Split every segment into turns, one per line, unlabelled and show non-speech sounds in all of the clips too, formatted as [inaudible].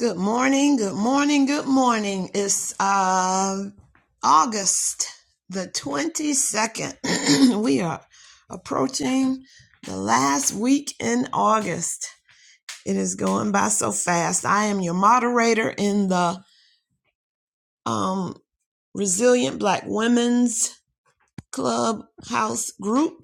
Good morning, good morning, good morning. It's uh, August the 22nd. [clears throat] we are approaching the last week in August. It is going by so fast. I am your moderator in the um, Resilient Black Women's Clubhouse group.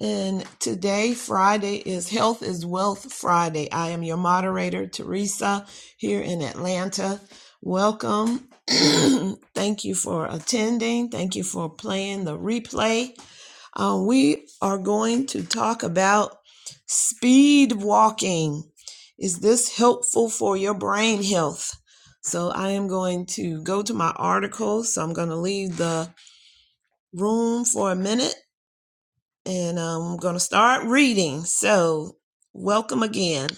And today, Friday, is Health is Wealth Friday. I am your moderator, Teresa, here in Atlanta. Welcome. [clears throat] Thank you for attending. Thank you for playing the replay. Uh, we are going to talk about speed walking. Is this helpful for your brain health? So, I am going to go to my article. So, I'm going to leave the room for a minute and um, I'm going to start reading. So, welcome again.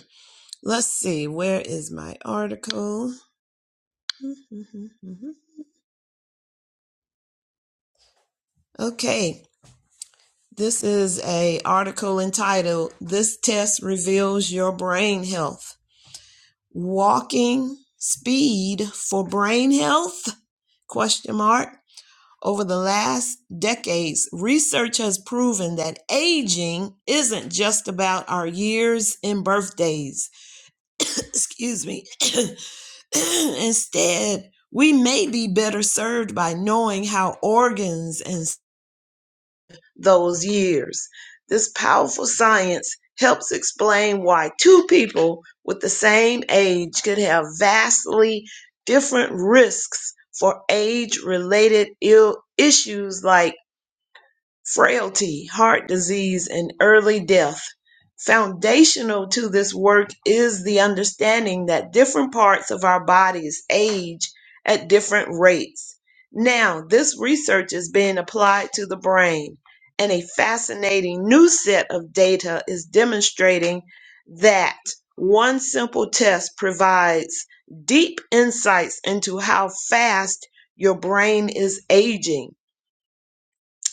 Let's see, where is my article? [laughs] Okay, this is a article entitled This Test Reveals Your Brain Health. Walking speed for brain health? Question mark. Over the last decades, research has proven that aging isn't just about our years and birthdays. [coughs] Excuse me. [coughs] Instead, we may be better served by knowing how organs and s- those years. This powerful science helps explain why two people with the same age could have vastly different risks for age related Ill- issues like frailty, heart disease, and early death. Foundational to this work is the understanding that different parts of our bodies age at different rates. Now, this research is being applied to the brain, and a fascinating new set of data is demonstrating that one simple test provides deep insights into how fast your brain is aging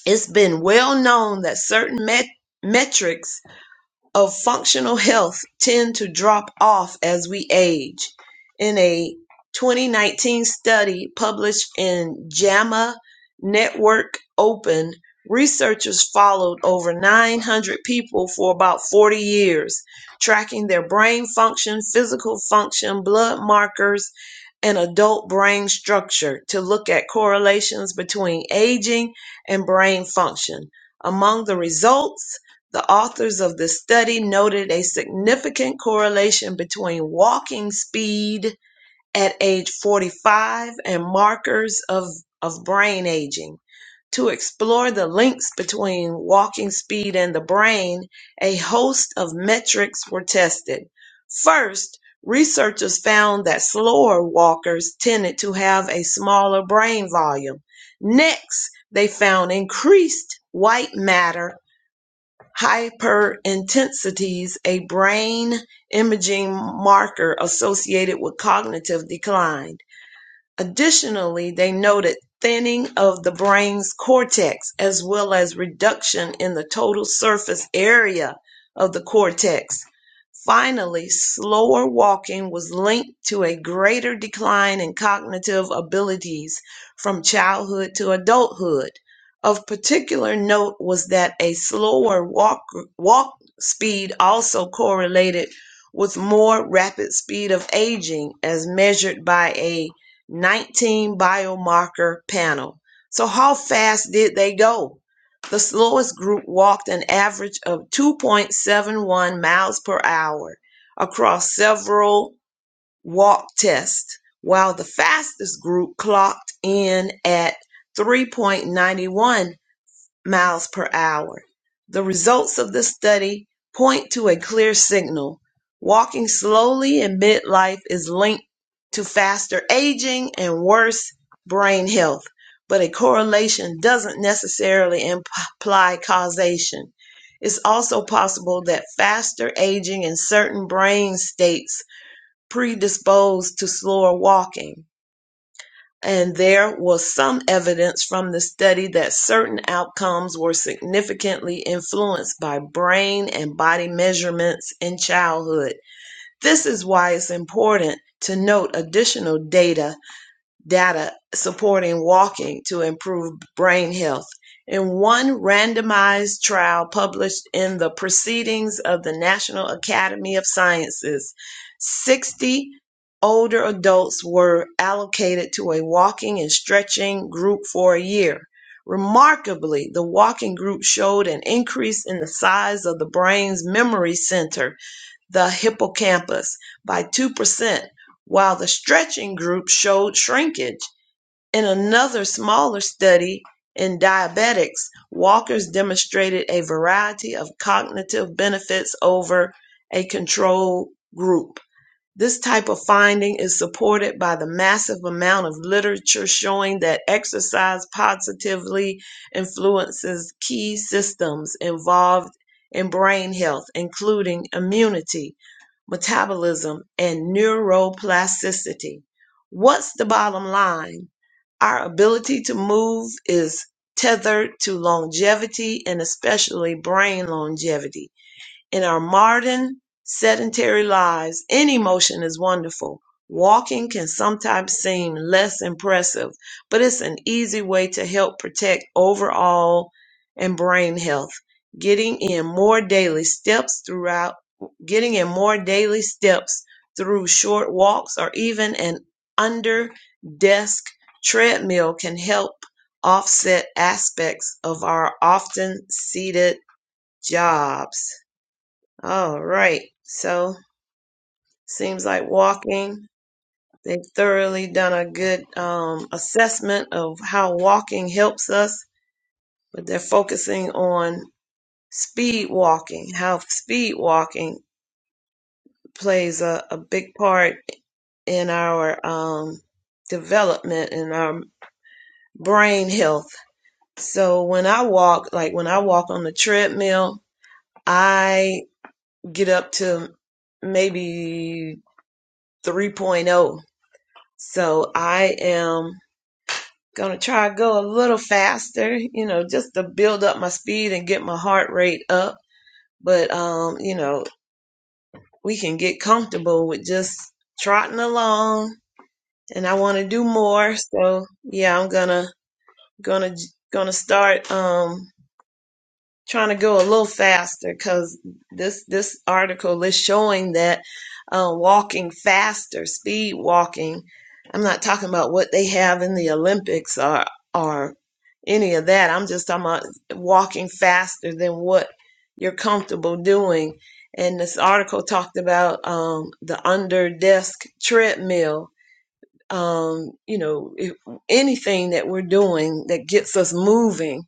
it's been well known that certain met- metrics of functional health tend to drop off as we age. In a 2019 study published in JAMA Network Open, researchers followed over 900 people for about 40 years, tracking their brain function, physical function, blood markers, and adult brain structure to look at correlations between aging and brain function. Among the results, the authors of the study noted a significant correlation between walking speed at age 45 and markers of, of brain aging. To explore the links between walking speed and the brain, a host of metrics were tested. First, researchers found that slower walkers tended to have a smaller brain volume. Next, they found increased white matter hyperintensities, a brain imaging marker associated with cognitive decline. Additionally, they noted thinning of the brain's cortex as well as reduction in the total surface area of the cortex. Finally, slower walking was linked to a greater decline in cognitive abilities from childhood to adulthood. Of particular note was that a slower walk, walk speed also correlated with more rapid speed of aging as measured by a 19 biomarker panel. So, how fast did they go? The slowest group walked an average of 2.71 miles per hour across several walk tests, while the fastest group clocked in at 3.91 miles per hour. The results of this study point to a clear signal. Walking slowly in midlife is linked to faster aging and worse brain health, but a correlation doesn't necessarily imply causation. It's also possible that faster aging and certain brain states predispose to slower walking and there was some evidence from the study that certain outcomes were significantly influenced by brain and body measurements in childhood. This is why it's important to note additional data data supporting walking to improve brain health in one randomized trial published in the Proceedings of the National Academy of Sciences. 60 older adults were allocated to a walking and stretching group for a year. Remarkably, the walking group showed an increase in the size of the brain's memory center, the hippocampus, by 2%, while the stretching group showed shrinkage. In another smaller study in diabetics, walkers demonstrated a variety of cognitive benefits over a control group. This type of finding is supported by the massive amount of literature showing that exercise positively influences key systems involved in brain health, including immunity, metabolism, and neuroplasticity. What's the bottom line? Our ability to move is tethered to longevity and especially brain longevity. In our modern, sedentary lives, any motion is wonderful. Walking can sometimes seem less impressive, but it's an easy way to help protect overall and brain health. Getting in more daily steps throughout, getting in more daily steps through short walks or even an under desk treadmill can help offset aspects of our often seated jobs. All right. So seems like walking. They've thoroughly done a good um, assessment of how walking helps us, but they're focusing on speed walking, how speed walking plays a, a big part in our um, development and our brain health. So when I walk, like when I walk on the treadmill, I get up to maybe 3.0 So I am going to try to go a little faster, you know, just to build up my speed and get my heart rate up. But, um, you know, we can get comfortable with just trotting along and I want to do more. So yeah, I'm going to, going to, going to start, um. trying to go a little faster because this this article is showing that uh, walking faster, speed walking. I'm not talking about what they have in the Olympics or or any of that. I'm just talking about walking faster than what you're comfortable doing. And this article talked about um, the under desk treadmill. Um, you know, if, anything that we're doing that gets us moving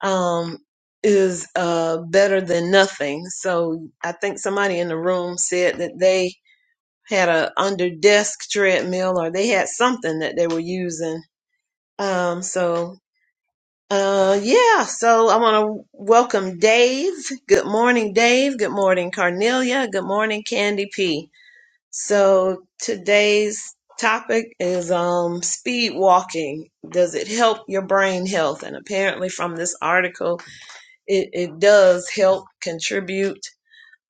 um, is uh, better than nothing. So I think somebody in the room said that they had a under desk treadmill or they had something that they were using. Um, so uh, yeah, so I want to welcome Dave. Good morning, Dave. Good morning, Carnelia. Good morning, Candy P. So today's topic is um, speed walking. Does it help your brain health? And apparently, from this article it, it does help contribute.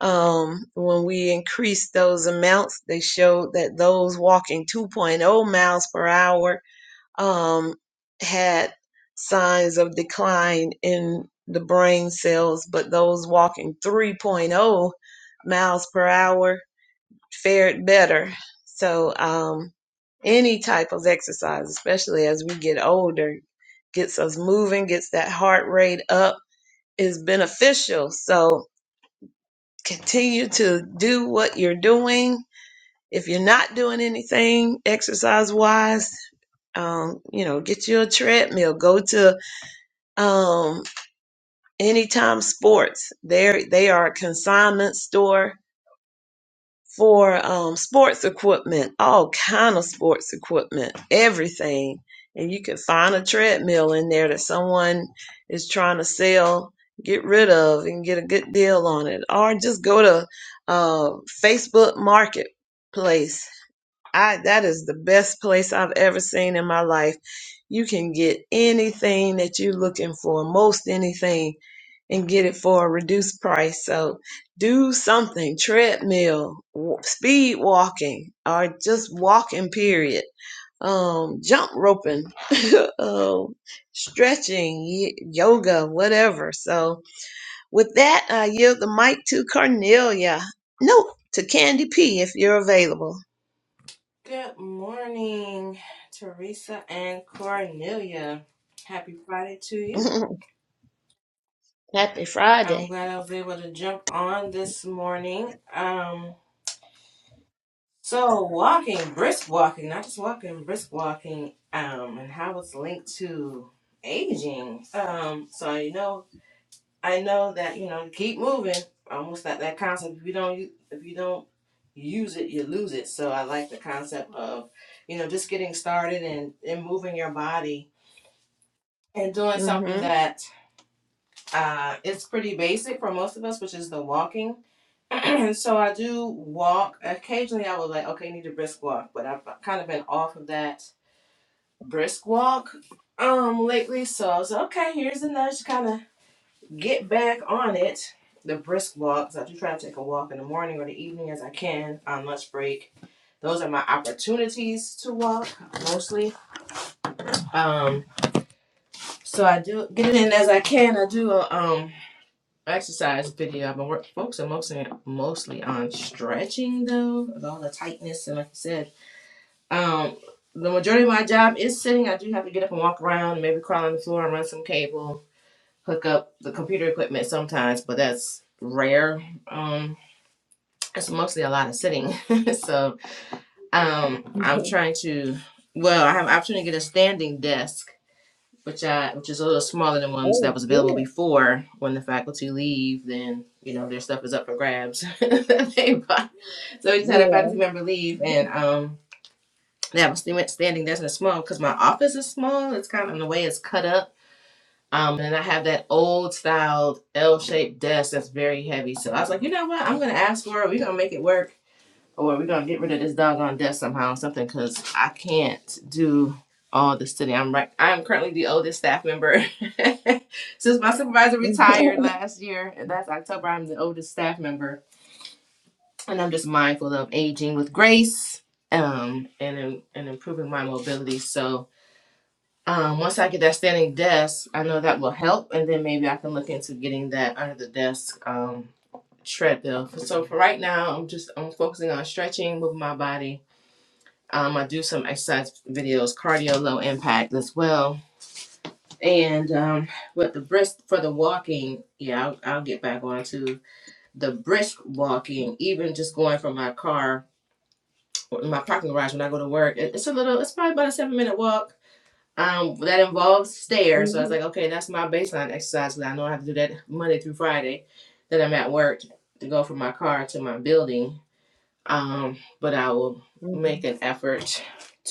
Um, when we increase those amounts, they showed that those walking 2.0 miles per hour um, had signs of decline in the brain cells, but those walking 3.0 miles per hour fared better. So, um, any type of exercise, especially as we get older, gets us moving, gets that heart rate up is beneficial. So continue to do what you're doing. If you're not doing anything exercise wise, um, you know, get you a treadmill. Go to um, Anytime Sports. There, they are a consignment store for um, sports equipment, all kind of sports equipment, everything. And you can find a treadmill in there that someone is trying to sell, get rid of, and get a good deal on it. Or just go to uh, Facebook Marketplace. I that is the best place I've ever seen in my life. You can get anything that you're looking for, most anything and get it for a reduced price. So do something, treadmill, w- speed walking, or just walking, period. Um, jump roping, [laughs] um, stretching, y- yoga, whatever. So with that, I yield the mic to Cornelia. Nope, to Candy P if you're available.
Good morning, Teresa and Cornelia. Happy Friday to you.
[laughs] Happy
I'm
Friday.
glad I was able to jump on this morning. Um, so walking, brisk walking, not just walking, brisk walking, um, and how it's linked to aging. Um, so you know, I know that you know, keep moving. Almost that that concept. If you don't, u- if you don't use it, you lose it. So I like the concept of, you know, just getting started and and moving your body and doing something
hmm
that uh, is pretty basic for most of us, which is the walking. [clears throat] And so I do walk. Occasionally, I was like, okay, I need a brisk walk, but I've kind of been off of that brisk walk um lately. So I was like, okay, here's a nudge to kind of get back on it. The brisk walks. I do try to take a walk in the morning or the evening as I can on lunch break. Those are my opportunities to walk mostly. Um, so I do get it in as I can. I do a um exercise video. I've been work- focusing mostly mostly on stretching though, with all the tightness and like I said, um, the majority of my job is sitting. I do have to get up and walk around, and maybe crawl on the floor and run some cable, hook up the computer equipment sometimes, but that's rare. Um, it's mostly a lot of sitting. [laughs] so um, I'm trying to. Well, I have an opportunity to get a standing desk which I, which is a little smaller than ones that was available before. When the faculty leave, then you know their stuff is up for grabs. [laughs] that They buy- so we just had a faculty member leave, and um, they have a student standing desk and it's small because my office is small. It's kind of in the way it's cut up. Um, and I have that old styled L shaped desk that's very heavy. So I was like, you know what? I'm gonna ask for it. We're gonna make it work or we're gonna get rid of this doggone desk somehow or something because I can't do all this today. I'm right. I am currently the oldest staff member [laughs] since my supervisor retired last year. and Last October, I'm the oldest staff member, and I'm just mindful of aging with grace, um, and and improving my mobility. So. Um, once I get that standing desk, I know that will help, and then maybe I can look into getting that under the desk um, treadmill. So for right now, I'm just I'm focusing on stretching, moving my body, um, I do some exercise videos, cardio, low impact as well. And um, with the brisk for the walking, yeah, I'll, I'll get back on to the brisk walking. Even just going from my car, my parking garage when I go to work, it- it's a little. It's probably about a seven minute walk. Um, that involves stairs. So I was
hmm
like, okay, that's my baseline exercise because I know I have to do that Monday through Friday. That I'm at work to go from my car to my building. Um, but I will make an effort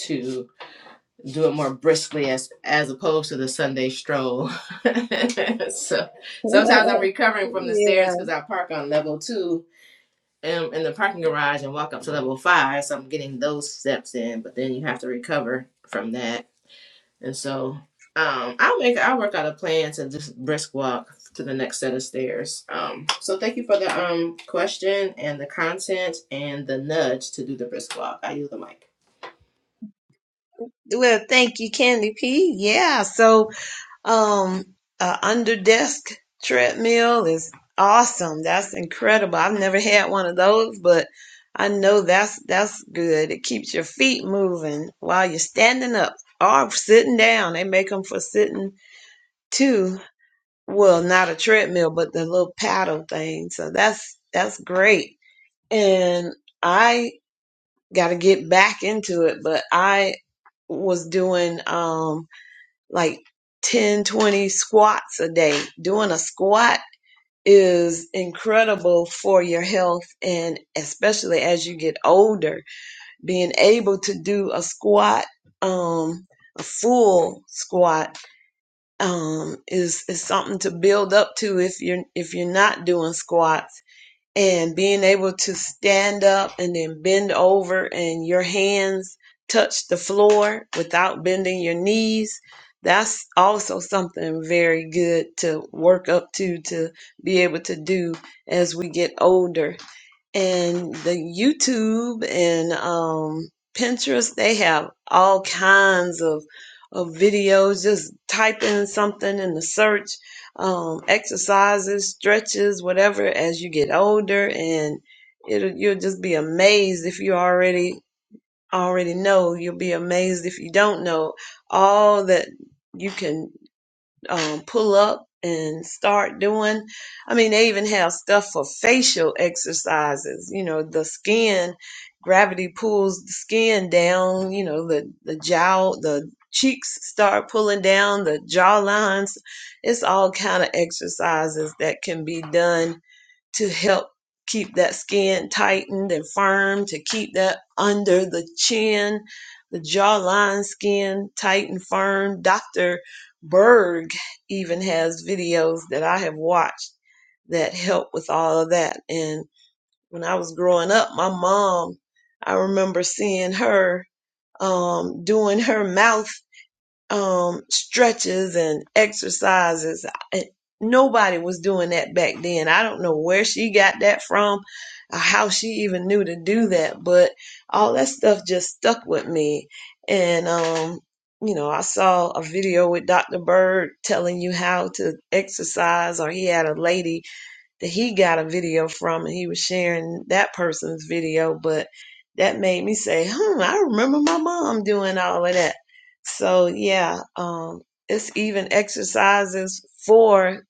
to. do it more briskly as as opposed to the Sunday stroll. [laughs] so
[laughs] hmm
sometimes I'm recovering from the
yeah.
stairs because I park on level two um, in the parking garage and walk up to level five. So I'm getting those steps in, but then you have to recover from that. And so um, I'll make I'll work out a plan to just brisk walk to the next set of stairs. Um, so thank you for the um question and the content and the nudge to do the brisk walk. I use the mic.
Well, thank you, Candy P. Yeah, so um, uh, under desk treadmill is awesome. That's incredible. I've never had one of those, but I know that's that's good. It keeps your feet moving while you're standing up or sitting down. They make them for sitting too. Well, not a treadmill, but the little paddle thing. So that's that's great. And I got to get back into it, but I was doing um like 10, 20 squats a day. Doing a squat is incredible for your health and especially as you get older, being able to do a squat, um, a full squat um, is is something to build up to if you're if you're not doing squats and being able to stand up and then bend over and your hands touch the floor without bending your knees that's also something very good to work up to to be able to do as we get older and the YouTube and um, Pinterest, they have all kinds of of videos. Just type in something in the search, um, exercises, stretches, whatever. As you get older, and it'll you'll just be amazed if you already already know. You'll be amazed if you don't know all that you can um, pull up and start doing. I mean, they even have stuff for facial exercises. You know, the skin gravity pulls the skin down. You know, the the jowl, the cheeks start pulling down, the jaw lines. It's all kind of exercises that can be done to help keep that skin tightened and firm, to keep that under the chin, the jawline skin tight and firm. Dr. Berg even has videos that I have watched that help with all of that. And when I was growing up, my mom, I remember seeing her um, doing her mouth um, stretches and exercises. And nobody was doing that back then. I don't know where she got that from, or how she even knew to do that, but all that stuff just stuck with me. And, um, you know, I saw a video with Dr. Bird telling you how to exercise, or he had a lady that he got a video from and he was sharing that person's video, but that made me say, hmm, I remember my mom doing all of that. So yeah, um, it's even exercises for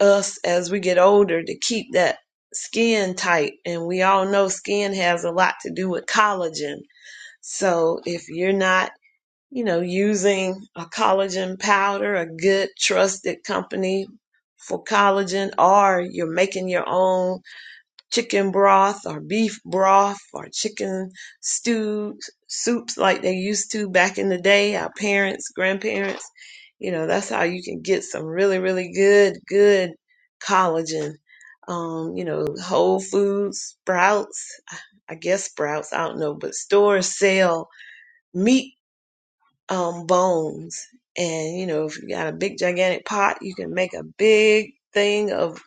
us as we get older to keep that skin tight. And we all know skin has a lot to do with collagen. So if you're not, you know, using a collagen powder, a good trusted company for collagen, or you're making your own chicken broth or beef broth or chicken stew soups like they used to back in the day, our parents, grandparents. You know, that's how you can get some really, really good, good collagen. Um, you know, Whole Foods, Sprouts, I guess Sprouts, I don't know, but stores sell meat um, bones. And, you know, if you got a big, gigantic pot, you can make a big thing of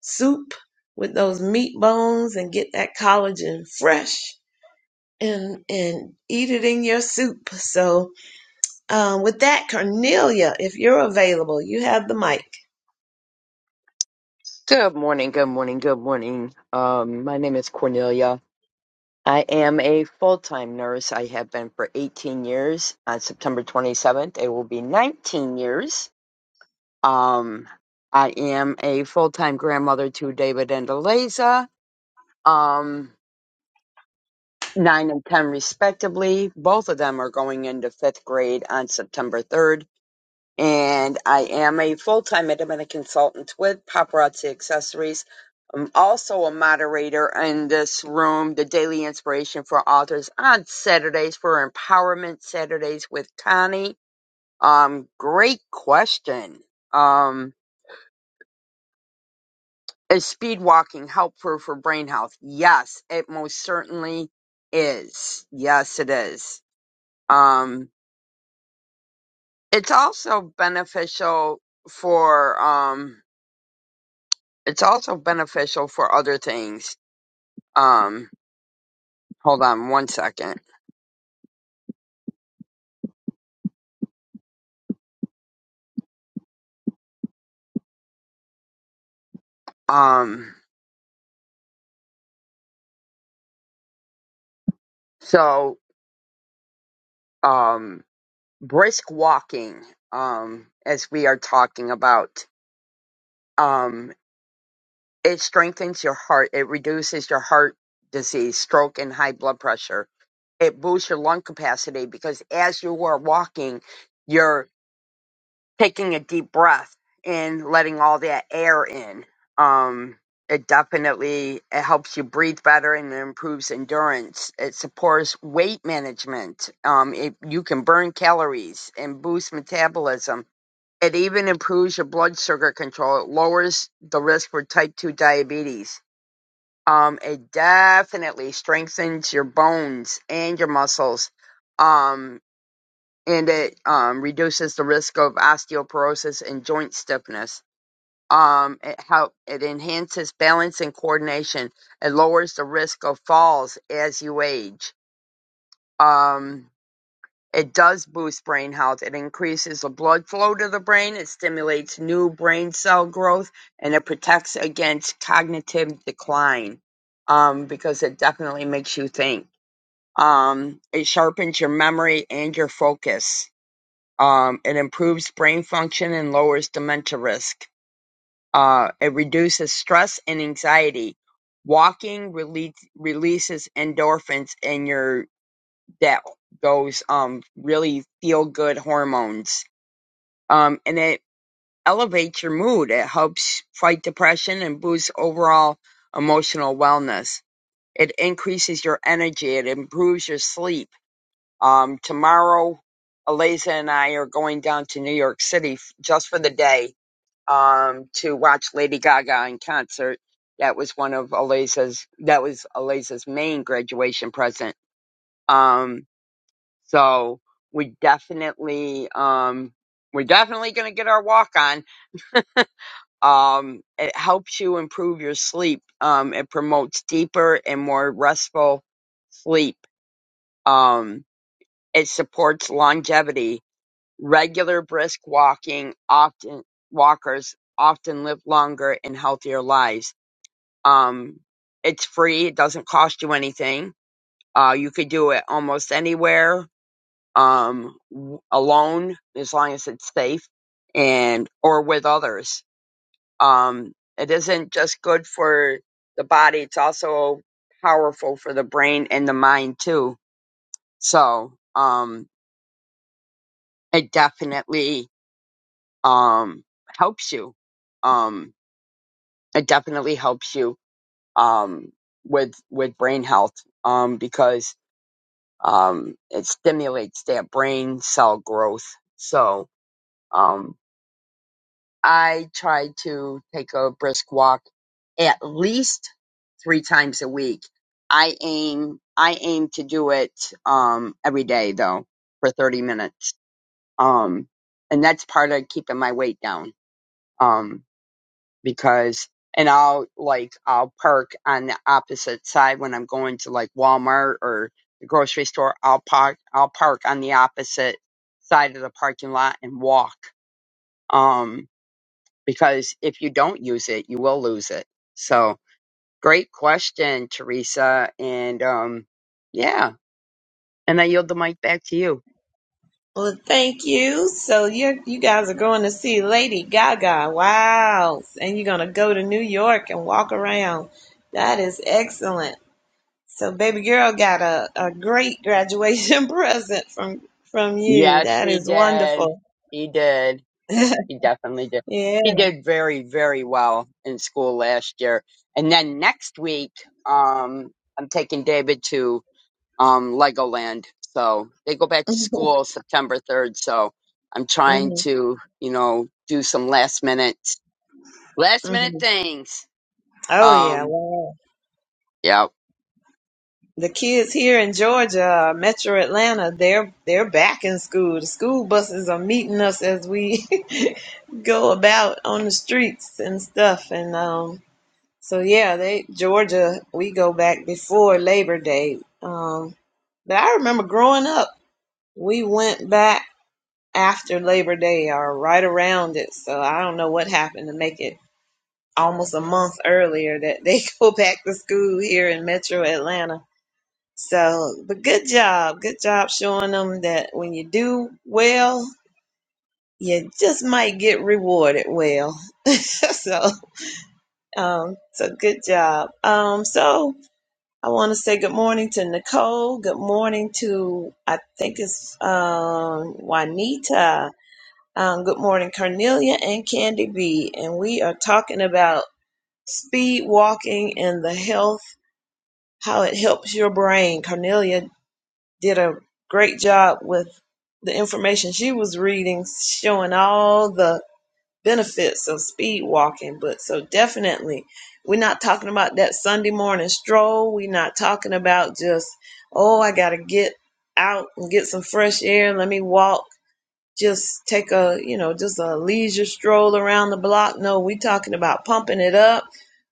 soup with those meat bones and get that collagen fresh and, and eat it in your soup. So, um, with that, Cornelia, if you're available, you have the mic.
Good morning, good morning, good morning. Um, my name is Cornelia. I am a full time nurse. I have been for 18 years. On September 27th, it will be 19 years. Um, I am a full time grandmother to David and Eliza, um, 9 and 10 respectively. Both of them are going into fifth grade on September 3rd. and I am a full-time independent consultant with Paparazzi Accessories. I'm also a moderator in this room, the Daily Inspiration for Authors on Saturdays for Empowerment Saturdays with Connie. Um, great question. Um, is speed walking helpful for brain health? Yes, it most certainly is. Yes, it is. Um, it's also beneficial for um it's also beneficial for other things. Um, hold on one second. Um, so, um, brisk walking, um, as we are talking about, um, it strengthens your heart. It reduces your heart disease, stroke, and high blood pressure. It boosts your lung capacity because as you are walking, you're. taking a deep breath and letting all that air in. Um, it definitely it helps you breathe better and it improves endurance. It supports weight management. Um, it, you can burn calories and boost metabolism. It even improves your blood sugar control. It lowers the risk for type two diabetes. Um, it definitely strengthens your bones and your muscles. Um and it um, reduces the risk of osteoporosis and joint stiffness. Um, it help it enhances balance and coordination. It lowers the risk of falls as you age. Um, it does boost brain health. It increases the blood flow to the brain. It stimulates new brain cell growth, and it protects against cognitive decline um, because it definitely makes you think. Um, it sharpens your memory and your focus um, it improves brain function and lowers dementia risk. Uh, it reduces stress and anxiety. Walking rele- releases endorphins in your that those um really feel good hormones. Um, and it elevates your mood. It helps fight depression and boosts overall emotional wellness. It increases your energy. It improves your sleep um, tomorrow, Eliza and I are going down to New York City f- just for the day um, to watch Lady Gaga in concert. That was one of Eliza's. That was Eliza's main graduation present. Um, so we definitely, um, we're definitely going to get our walk on. Um, it helps you improve your sleep. Um, it promotes deeper and more restful sleep. Um, it supports longevity Regular brisk walking often walkers often live longer and healthier lives. Um, it's free. It doesn't cost you anything. Uh, you could do it almost anywhere, um, w- alone as long as it's safe and or with others. Um, it isn't just good for the body. It's also powerful for the brain and the mind too. So, um, it definitely um, helps you. Um, it definitely helps you um, with with brain health um, because um, it stimulates that brain cell growth. So um, I try to take a brisk walk at least three times a week. I aim I aim to do it um, every day though for 30 minutes, um, and that's part of keeping my weight down. Um, because and I'll like I'll park on the opposite side when I'm going to like Walmart or the grocery store. I'll park I'll park on the opposite side of the parking lot and walk. Um because if you don't use it, you will lose it. So great question, Teresa. And um yeah. And I yield the mic back to you.
Well, thank you. So you you guys are going to see Lady Gaga. Wow. And you're going to go to New York and walk around. That is excellent. So baby girl got a, a great graduation [laughs] present from from you.
Yes,
That
he
is
did.
wonderful.
He did.
[laughs] yeah.
He definitely did.
[laughs]
He did very, very well in school last year. And then next week, um, I'm taking David to um, Legoland. So they go back to school September 3rd. So I'm trying
hmm
to, you know, do some last minute, last minute
hmm
things.
Oh yeah.
Um,
Wow.
yeah,
The kids here in Georgia, uh, Metro Atlanta, they're they're back in school. The school buses are meeting us as we [laughs] go about on the streets and stuff. And um, so yeah, they Georgia, we go back before Labor Day. Um, but I remember growing up, we went back. after Labor Day or right around it. So I don't know what happened to make it almost a month earlier that they [laughs] go back to school here in Metro Atlanta. So, but good job. Good job showing them that when you do well, you just might get rewarded well. [laughs] so, um, so good job. Um, so I want to say good morning to Nicole. Good morning to, I think it's, um, Juanita. Um, good morning, Cornelia and Candy B. And we are talking about speed walking and the health, how it helps your brain. Cornelia did a great job with the information she was reading, showing all the benefits of speed walking. But so definitely, we're not talking about that Sunday morning stroll. We're not talking about just, oh, I got to get out and get some fresh air. Let me walk just take a you know just a leisure stroll around the block no we talking about pumping it up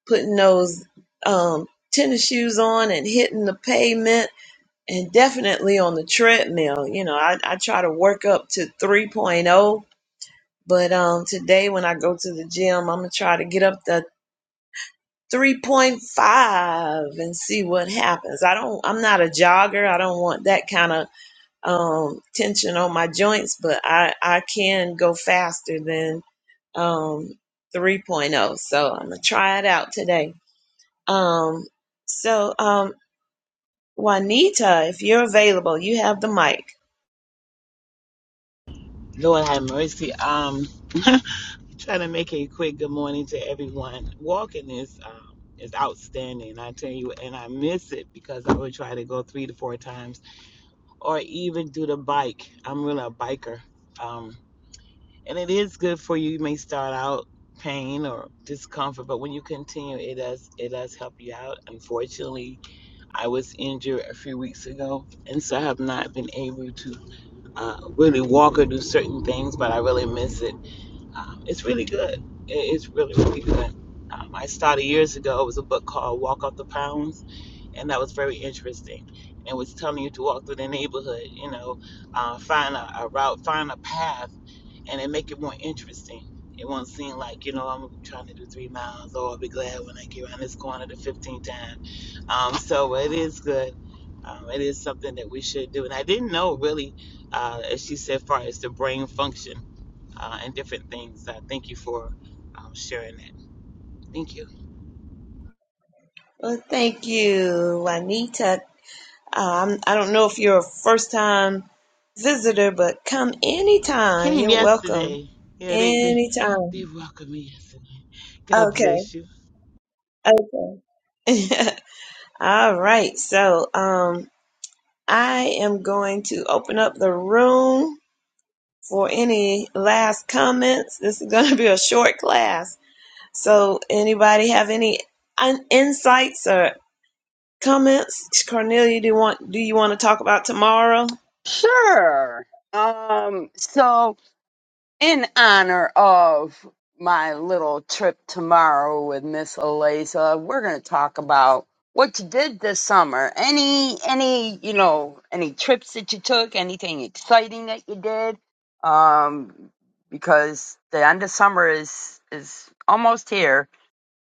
putting those um, tennis shoes on and hitting the pavement and definitely on the treadmill you know i, I try to work up to 3.0 but um, today when i go to the gym i'm gonna try to get up to 3.5 and see what happens i don't i'm not a jogger i don't want that kind of um, tension on my joints, but I, I can go faster than um, 3.0. So I'm going to try it out today. Um, so, um, Juanita, if you're available, you have the mic.
Lord have mercy. Um, [laughs] trying to make a quick good morning to everyone. Walking is um, is outstanding, I tell you, and I miss it because I would try to go three to four times, or even do the bike. I'm really a biker, um, and it is good for you. You may start out pain or discomfort, but when you continue, it does it does help you out. Unfortunately, I was injured a few weeks ago, and so I have not been able to uh, really walk or do certain things, but I really miss it. Um, it's really good. It's really, really good. Um, I started years ago. It was a book called Walk Off the Pounds, and that was very interesting. And it was telling you to walk through the neighborhood, you know, uh, find a, a route, find a path, and then make it more interesting. It won't seem like, you know, I'm trying to do three miles, or I'll be glad when I get around this corner the 15th time. Um, so it is good. Um, it is something that we should do. And I didn't know really, uh, as she said, far as the brain function uh, and different things. Uh, thank you for um, sharing that. Thank you.
Well, thank you, Juanita. Um, I don't know if you're a first time visitor, but come
I
anytime.
came
You're welcome.
yesterday. Yeah, they, they, they
Anytime.
welcomed me yesterday. God
Okay.
bless you.
Okay. [laughs] All right. So, um, I am going to open up the room for any last comments. This is going to [laughs] be a short class. So, anybody have any un- insights or comments? Cornelia, do you want do you want to talk about tomorrow?
sure. Um, so in honor of my little trip tomorrow with Miss Eliza, we're going to talk about what you did this summer. Any, any, you know, any trips that you took, anything exciting that you did. Um, because the end of summer is, is almost here.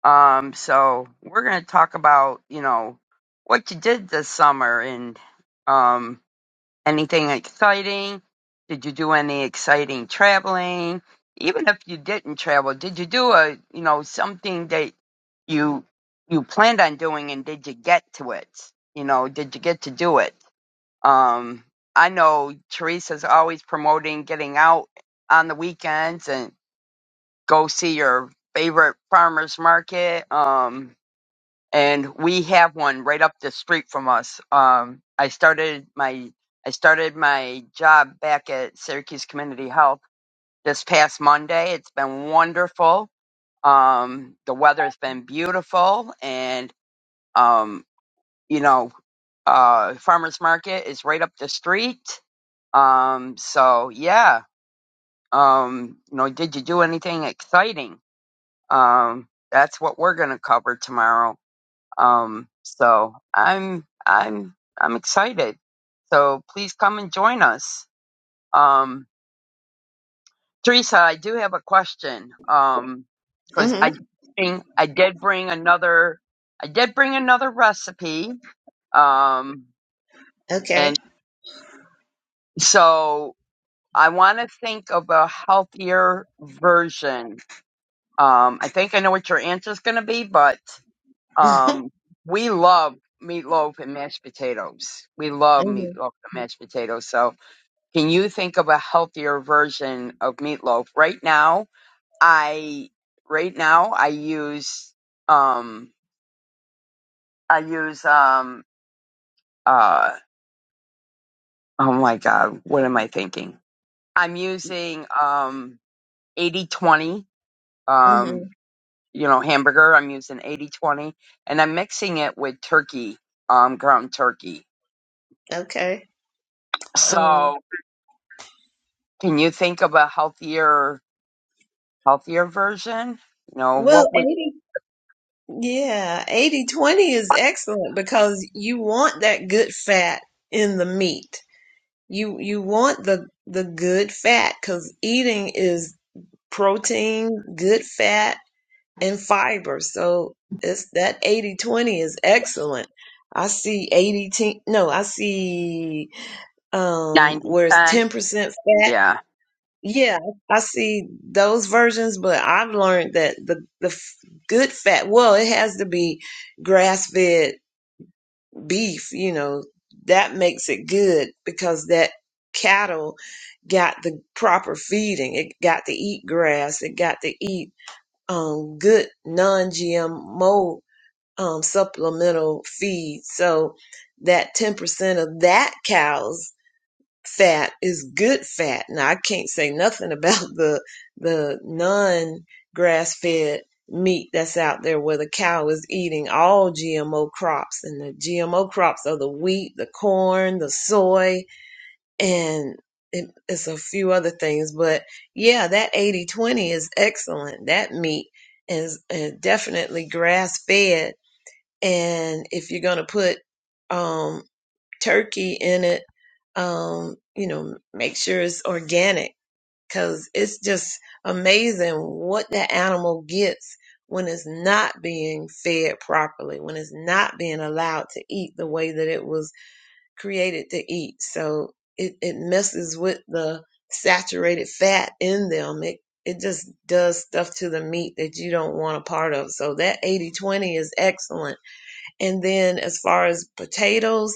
Um, so we're going to talk about, you know, what you did this summer and, um, Anything exciting? Did you do any exciting traveling? Even if you didn't travel, did you do a, you know, something that you you planned on doing and did you get to it? You know, did you get to do it? Um, I know Teresa's always promoting getting out on the weekends and go see your favorite farmers market. Um, and we have one right up the street from us. Um, I started my I started my job back at Syracuse Community Health this past Monday. It's been wonderful. Um, the weather's been beautiful, and um, you know, uh, farmers market is right up the street. Um, so yeah, um, you know, did you do anything exciting? Um, that's what we're gonna cover tomorrow. Um, so I'm I'm I'm excited. So please come and join us. Um, Teresa, I do have a question. Um, because
Mm-hmm.
I bring, I did bring another I did bring another recipe. Um,
Okay.
and so I want to think of a healthier version. Um, I think I know what your answer's going to be, but
[laughs]
Um, we love meatloaf and mashed potatoes. We love
hmm
meatloaf and mashed potatoes. So, can you think of a healthier version of meatloaf? Right now, I right now I use um I use um uh oh my god, what am I thinking? I'm using um eighty twenty
hmm
um you know hamburger. I'm using eighty twenty, and I'm mixing it with turkey um ground turkey.
Okay.
So,
Um,
Can you think of a healthier, healthier version? You know,
well,
what would
80, yeah, eighty twenty is excellent because you want that good fat in the meat. You you want the the good fat because eating is protein, good fat. and fiber. So it's that 80 20 is excellent. I see 80 te- no, I see um
90
where it's
10?
10% fat.
Yeah.
Yeah, I see those versions, but I've learned that the the f- good fat, well, it has to be grass-fed beef, you know, that makes it good because that cattle got the proper feeding. It got to eat grass, it got to eat um, good non-GMO um, supplemental feed. So that 10% of that cow's fat is good fat. Now I can't say nothing [laughs] about the the non-grass-fed meat that's out there where the cow is eating all GMO crops and the GMO crops are the wheat, the corn, the soy, and it, it's a few other things but yeah that eighty twenty is excellent that meat is uh, definitely grass fed and if you're going to put um, turkey in it um, you know make sure it's organic because it's just amazing what the animal gets when it's not being fed properly when it's not being allowed to eat the way that it was created to eat. So it, it messes with the saturated fat in them. It it just does stuff to the meat that you don't want a part of. So that eighty twenty is excellent. And then as far as potatoes,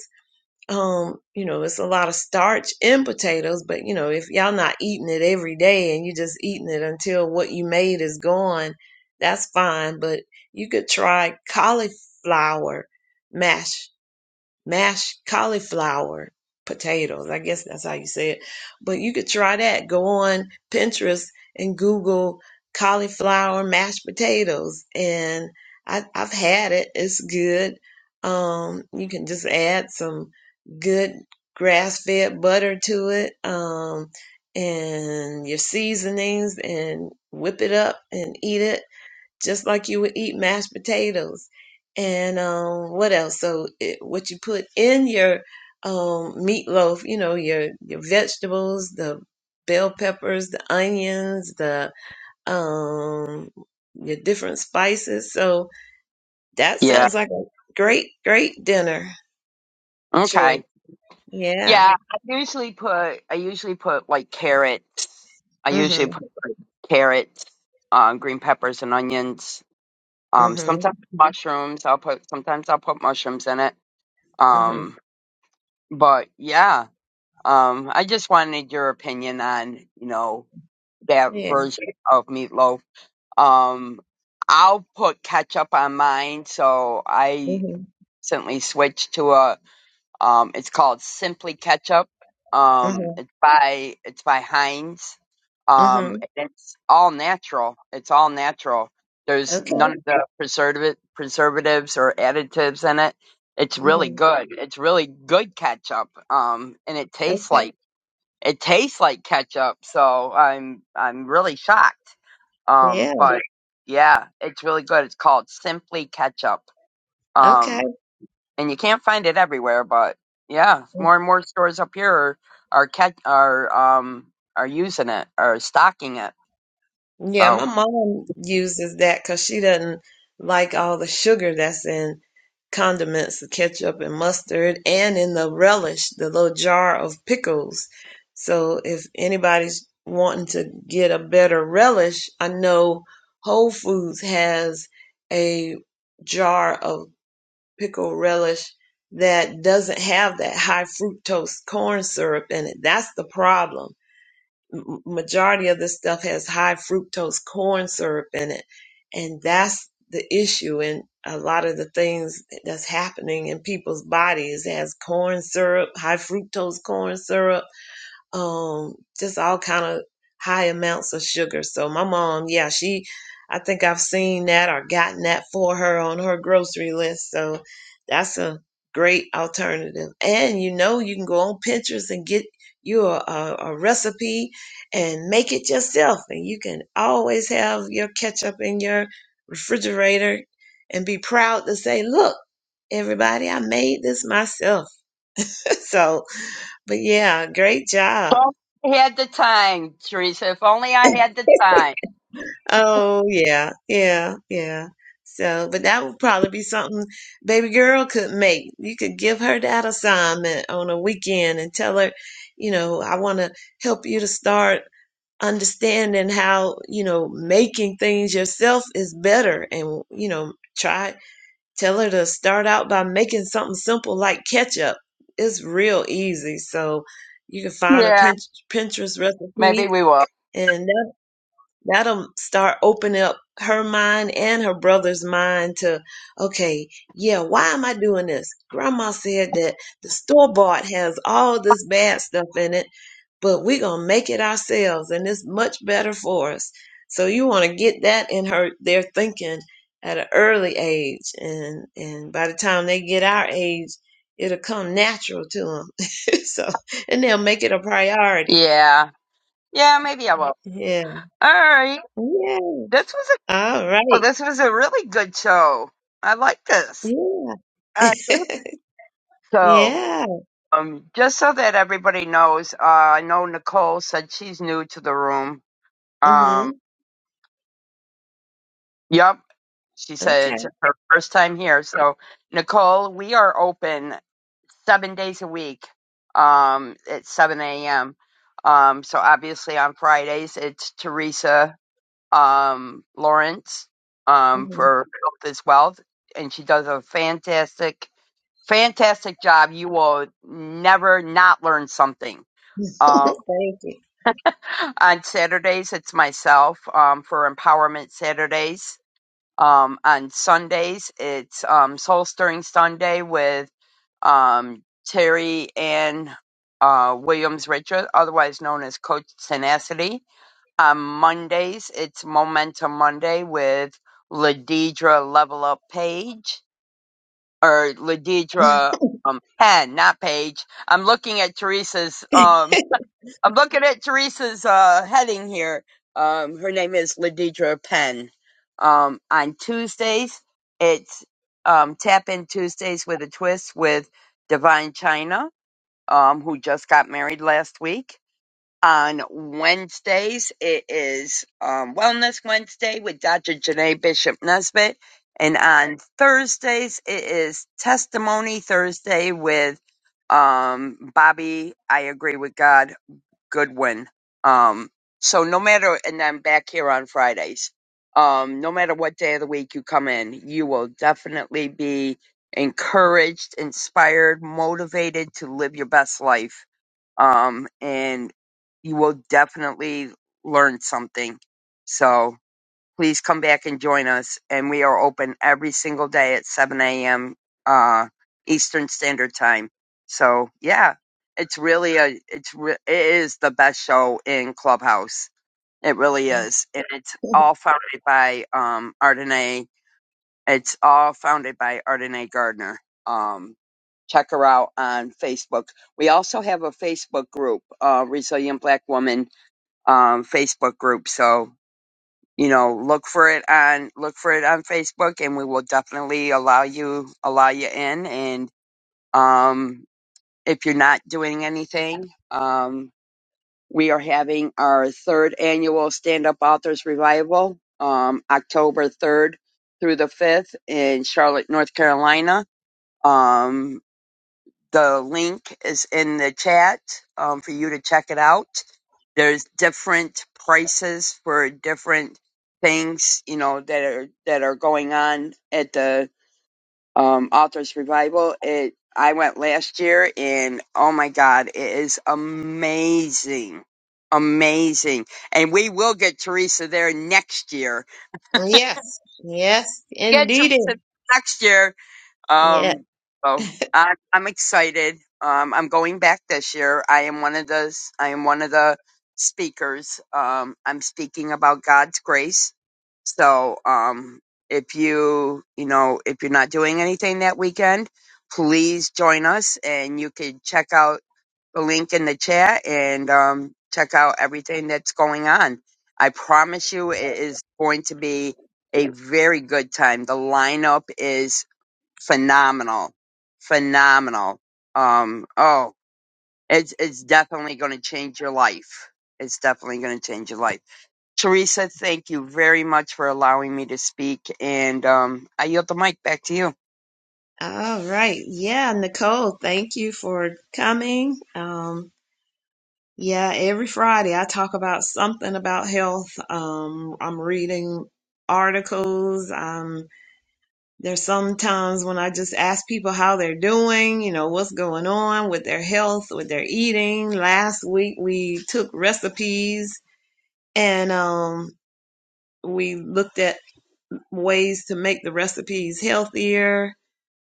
um, you know, it's a lot of starch in potatoes, but you know, if y'all not eating it every day and you just eating it until what you made is gone, that's fine. But you could try cauliflower mash mashed cauliflower potatoes. I guess that's how you say it. But you could try that. Go on Pinterest and Google cauliflower mashed potatoes. And I, I've had it. It's good. Um, you can just add some good grass fed butter to it. Um, and your seasonings and whip it up and eat it just like you would eat mashed potatoes and um, what else? So it, what you put in your um, meatloaf, you know, your your vegetables, the bell peppers, the onions, the um, your different spices. So that
Yeah.
sounds like a great great dinner choice.
Okay.
Yeah.
Yeah. I usually put, I usually put like carrots. I usually
Mhm.
put like carrots, um, green peppers and onions. Um,
Mhm.
sometimes mushrooms. I'll put, sometimes I'll put mushrooms in it.
Mhm.
Um, but yeah. Um, I just wanted your opinion on, you know, that
Yeah.
version of meatloaf Um, I'll put ketchup on mine, so I
Mhm.
recently switched to a. Um, it's called Simply Ketchup. Um,
Mhm.
it's by it's by Heinz. Um,
Mhm.
and it's all natural. It's all natural. There's none
Okay.
of the preservative preservatives or additives in it. It's really
Mhm.
good. It's really good ketchup. Um, and it tastes
Okay.
like it tastes like ketchup. So I'm I'm really shocked.
Yeah.
Um, but yeah, it's really good. It's called Simply Ketchup.
Okay.
Um, and you can't find it everywhere, but yeah, more and more stores up here are are catch are um are using it are stocking it.
Yeah,
So
my mom uses that because she doesn't like all the sugar that's in condiments, the ketchup and mustard, and in the relish, the little jar of pickles. So if anybody's wanting to get a better relish, I know Whole Foods has a jar of pickle relish that doesn't have that high fructose corn syrup in it. That's the problem m- majority of this stuff has high fructose corn syrup in it and that's the issue and a lot of the things that's happening in people's bodies has corn syrup high fructose corn syrup um, just all kind of high amounts of sugar. So my mom, yeah, she, I think I've seen that or gotten that for her on her grocery list. So that's a great alternative. And you know, you can go on Pinterest and get you a, a, a recipe and make it yourself. And you can always have your ketchup in your refrigerator and be proud to say, look, everybody, I made this myself. [laughs] so, but yeah, great job
Well, I had the time, Teresa. If only I had the time.
Oh yeah, yeah, yeah. So, but that would probably be something baby girl could make. You could give her that assignment on a weekend and tell her, you know, I want to help you to start understanding how, you know, making things yourself is better and, you know, try tell her to start out by making something simple like ketchup. It's real easy. So, you can find a
Yeah,
Pin- Pinterest recipe
maybe we will.
and. That'll start opening up her mind and her brother's mind to, okay, yeah, why am I doing this? Grandma said that the store bought has all this bad stuff in it, but we're gonna make it ourselves and it's much better for us. So you wanna get that in her their thinking at an early age and and by the time they get our age, it'll come natural to them. [laughs] so and they'll make it a priority.
Yeah, yeah, maybe I will.
Yeah.
All right,
Yeah.
this was a
All right.
oh, this was a really good show. I like this.
Yeah.
I do.
[laughs]
So.
Yeah.
Um, just so that everybody knows, uh, I know Nicole said she's new to the room.
Mm-hmm.
Um, yep, she said
Okay.
it's her first time here. So, Nicole, we are open seven days a week um, at 7 a.m. Um, so, obviously, on Fridays, it's Teresa um, Lawrence um,
Mm-hmm.
for Health is Wealth, and she does a fantastic, fantastic job. You will never not learn something. Um,
[laughs] Thank
on Saturdays, it's myself um, for Empowerment Saturdays. Um, on Sundays, it's um, Soul Stirring Sunday with um, Terry Ann uh, Williams Richard, otherwise known as Coach Tenacity. On Mondays, it's Momentum Monday with Ladidra Level Up Page. Or Ladidra um, Penn, not Page. I'm looking at Teresa's
you. [laughs]
um, I'm looking at Teresa's uh, heading here. Um, her name is Ladidra Penn. Um, on Tuesdays, it's um, Tap In Tuesdays with a Twist with Divine China, um, who just got married last week. On Wednesdays, it is um, Wellness Wednesday with Dr. Janae Bishop Nesbitt. And on Thursdays, it is Testimony Thursday with um, Bobby, I Agree with God Goodwin. Um, so no matter, and I'm back here on Fridays. Um, no matter what day of the week you come in, you will definitely be encouraged, inspired, motivated to live your best life. Um, and you will definitely learn something. So, please come back and join us. And we are open every single day at 7 a.m. Uh, Eastern Standard Time. So yeah, it's really a it's re- it is the best show in Clubhouse. It really is, and it's all founded by um Ardenae. It's all founded by Ardenae Gardner. Um, check her out on Facebook. We also have a Facebook group, uh, Resilient Black Woman um, Facebook group. So you know, look for it on look for it on Facebook, and we will definitely allow you allow you in. And um, if you're not doing anything, um, we are having our third annual Stand Up Authors Revival, um, October third through the fifth in Charlotte, North Carolina. Um, the link is in the chat um, for you to check it out. There's different prices for different things, you know, that are that are going on at the um, Authors Revival. It I went last year, and oh my God, it is amazing, amazing. And we will get Teresa there next year.
Yes. Yes, indeed.
Next year,
Yeah.
Um, oh, I, I'm excited. Um, I'm going back this year. I am one of the I am one of the speakers. Um, I'm speaking about God's grace. So, um, if you you know if you're not doing anything that weekend, please join us, and you can check out the link in the chat and um, check out everything that's going on. I promise you, it is going to be a very good time. The lineup is phenomenal, phenomenal. Um, oh, it's it's definitely going to change your life. It's definitely going to change your life. Teresa, thank you very much for allowing me to speak, and um, I yield the mic back to you.
All right. Yeah, Nicole, thank you for coming. Um, yeah, every Friday I talk about something about health. Um, I'm reading articles. There's sometimes when I just ask people how they're doing, you know, what's going on with their health, with their eating. Last week we took recipes and um, we looked at ways to make the recipes healthier.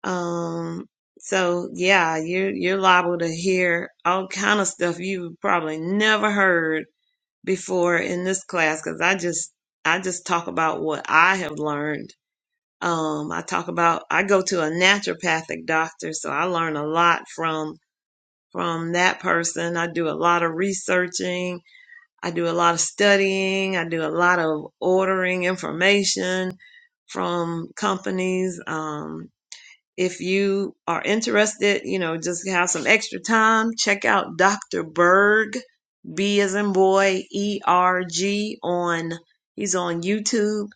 Um, so yeah, you're you're liable to hear all kind of stuff you've probably never heard before in this class because I just I just talk about what I have learned um, I talk about I go to a naturopathic doctor, so I learn a lot from from that person. I do a lot of researching, I do a lot of studying, I do a lot of ordering information from companies. Um, if you are interested, you know, just have some extra time, check out Dr. Berg, B as in boy, E R G on he's on YouTube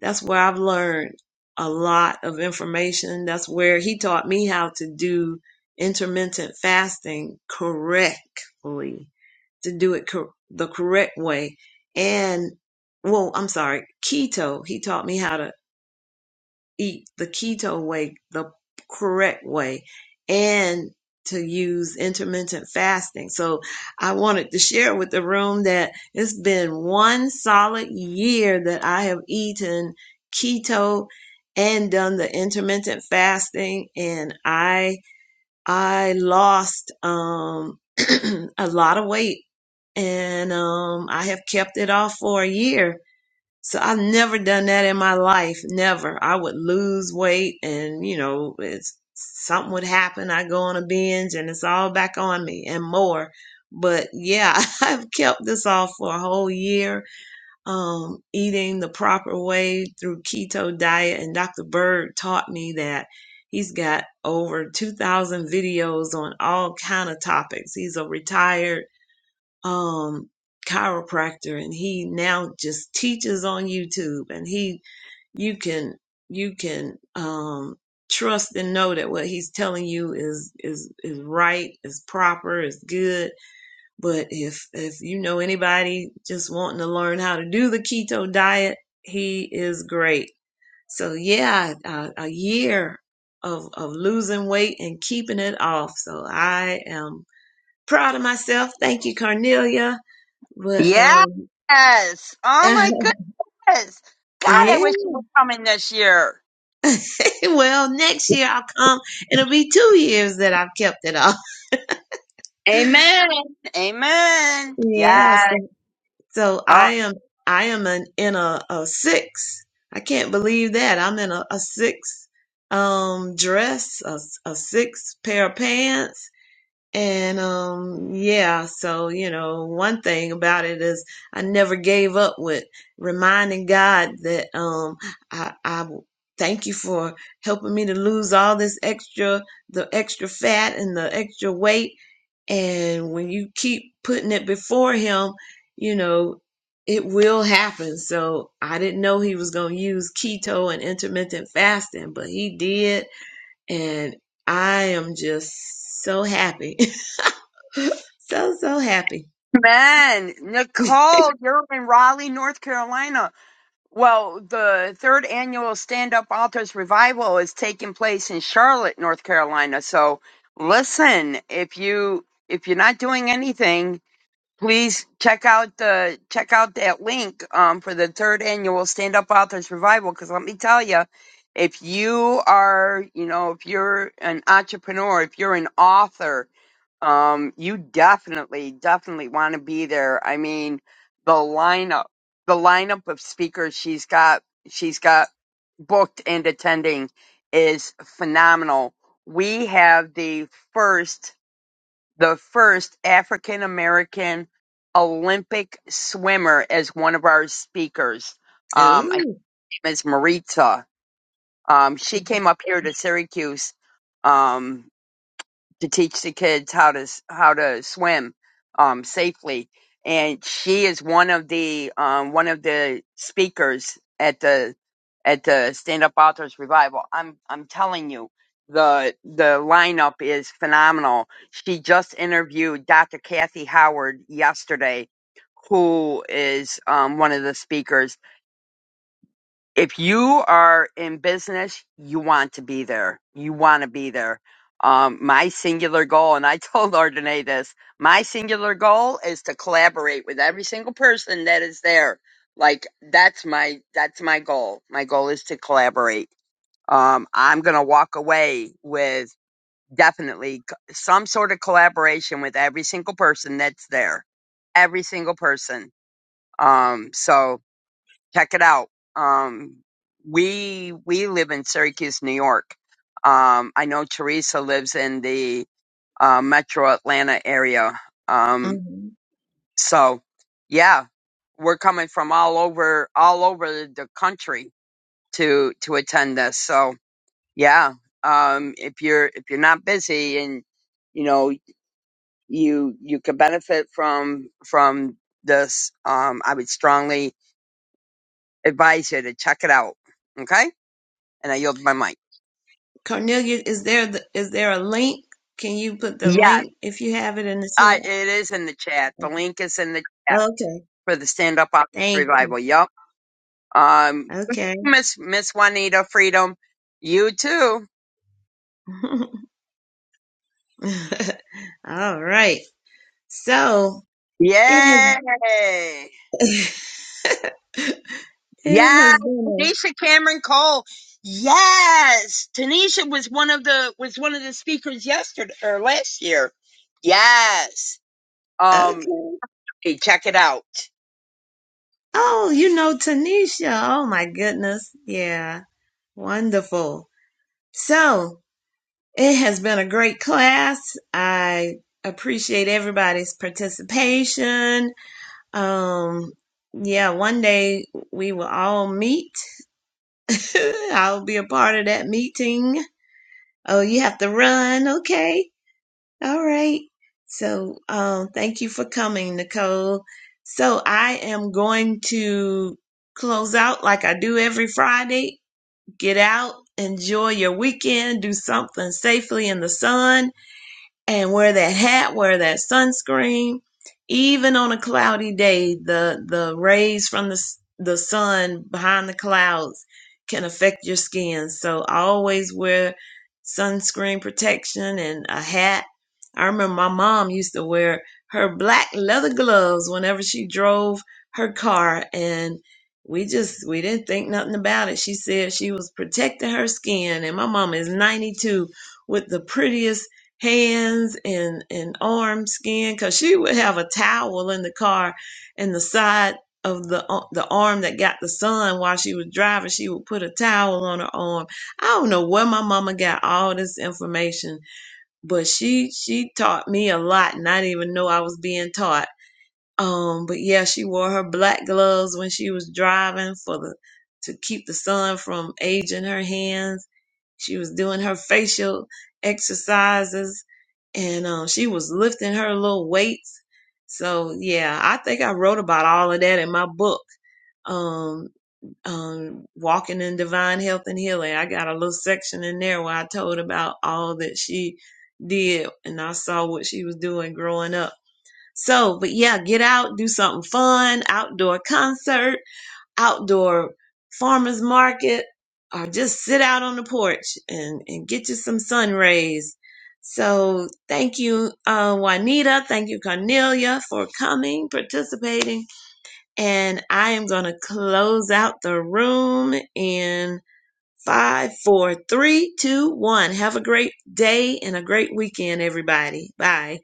that's where I've learned a lot of information. That's where he taught me how to do intermittent fasting correctly, to do it cor- the correct way. And, well, I'm sorry, keto. He taught me how to eat the keto way, the correct way, and to use intermittent fasting. So I wanted to share with the room that it's been one solid year that I have eaten keto and done the intermittent fasting and I I lost um [clears throat] a lot of weight and um I have kept it off for a year so I've never done that in my life. Never. I would lose weight and, you know, it's something would happen. I go on a binge and it's all back on me and more. But yeah, [laughs] I've kept this off for a whole year, um, eating the proper way through keto diet. And Dr. Bird taught me that he's got over 2,000 videos on all kind of topics. He's a retired um chiropractor and he now just teaches on YouTube and he you can you can um trust and know that what he's telling you is is is right, is proper, is good. But if if you know anybody just wanting to learn how to do the keto diet, he is great. So yeah, a, a year of of losing weight and keeping it off. So I am proud of myself. Thank you, Cornelia but
Yes.
um
Oh my
[laughs]
goodness. God, I
yeah.
wish you were coming this year.
[laughs] well, next year I'll come. It'll be two years that I've kept it off. [laughs]
Amen. Amen.
Yeah,
Yes.
so, so I am I am an, in a, a six. I can't believe that. I'm in a, a six um dress, a, a six pair of pants. And um yeah, so you know, one thing about it is I never gave up with reminding God that um I I thank you for helping me to lose all this extra the extra fat and the extra weight and when you keep putting it before him, you know, it will happen. So I didn't know he was going to use keto and intermittent fasting, but he did and I am just so happy [laughs] So, so happy.
Amen.
[laughs]
Nicole, you're in Raleigh, North Carolina. Well, the third annual Stand Up Authors Revival is taking place in Charlotte, North Carolina. So listen, if you if you're not doing anything, please check out the check out that link um, for the third annual Stand Up Authors Revival. Because let me tell you, if you are you know if you're an entrepreneur, if you're an author, um, you definitely, definitely want to be there. I mean, the lineup, the lineup of speakers she's got, she's got booked and attending is phenomenal. We have the first, the first African American Olympic swimmer as one of our speakers. Um, I
Ooh.
name is Maritza. Um, she came up here to Syracuse. Um, to teach the kids how to s- how to swim um, safely. And she is one of the um, one of the speakers at the at the Stand Up Authors Revival. I'm I'm telling you, the the lineup is phenomenal. She just interviewed Dr. Kathy Howard yesterday, who is um, one of the speakers if you are in business, you want to be there. You want to be there. Um, my singular goal, and I [laughs] told Ardenae this, my singular goal is to collaborate with every single person that is there. Like that's my that's my goal. My goal is to collaborate. Um, I'm gonna walk away with definitely c- some sort of collaboration with every single person that's there. Every single person. Um, so check it out. Um, we we live in Syracuse, New York. Um, I know Teresa lives in the uh, Metro Atlanta area. Um,
hmm
so yeah, we're coming from all over all over the country to to attend this. So yeah, um, if you're if you're not busy and you know you you could benefit from from this, um, I would strongly advise you to check it out. Okay. and I yield my mic.
Cornelia, is there the, is there a link? Can you put the
Yes,
link if you have it in the
I, it is in the chat. The
chat?
link is in the chat
Okay.
for the Stand Up Office
Thank you.
Revival. Yup. Um,
Okay.
Miss Miss Juanita Freedom, you too.
[laughs] [laughs] All right. So it has
Yay!
it
Yes,
has been
Tanisha Cameron Cole. Yes, Tanisha was one of the was one of the speakers yesterday or last year. Yes.
a
Um,
okay.
hey, check it out.
Oh, you know Tanisha. Oh my goodness. Yeah. Wonderful. So it has been a great class. I appreciate everybody's participation. Um yeah, one day we will all meet. [laughs] I'll be a part of that meeting. Oh, you have to run. Okay. All right. So, um, thank you for coming, Nicole. So, I am going to close out like I do every Friday. Get out, enjoy your weekend, do something safely in the sun and wear that hat, wear that sunscreen. Even on a cloudy day, the the rays from the the sun behind the clouds can affect your skin. So I always wear sunscreen protection and a hat. I remember my mom used to wear her black leather gloves whenever she drove her car and we just we didn't think nothing about it. She said she was protecting her skin and my mom is 92 with the prettiest hands and and arm skin because she would have a towel in the car and the side of the uh, the arm that got the sun while she was driving she would put a towel on her arm i don't know where my mama got all this information but she she taught me a lot and i didn't even know i was being taught um, but yeah, she wore her black gloves when she was driving for the to keep the sun from aging her hands. She was doing her facial exercises and um she was lifting her little weights. So yeah, I think I wrote about all of that in my book. Um, um, walking in divine health and healing. I got a little section in there where I told about all that she did, and I saw what she was doing growing up so, but yeah, get out, do something fun, outdoor concert, outdoor farmers market, or just sit out on the porch and, and get you some sun rays. So thank you, uh, Juanita. Thank you, Cornelia, for coming, participating. And I am going to close out the room in five, four, three, two, one. Have a great day and a great weekend, everybody. Bye.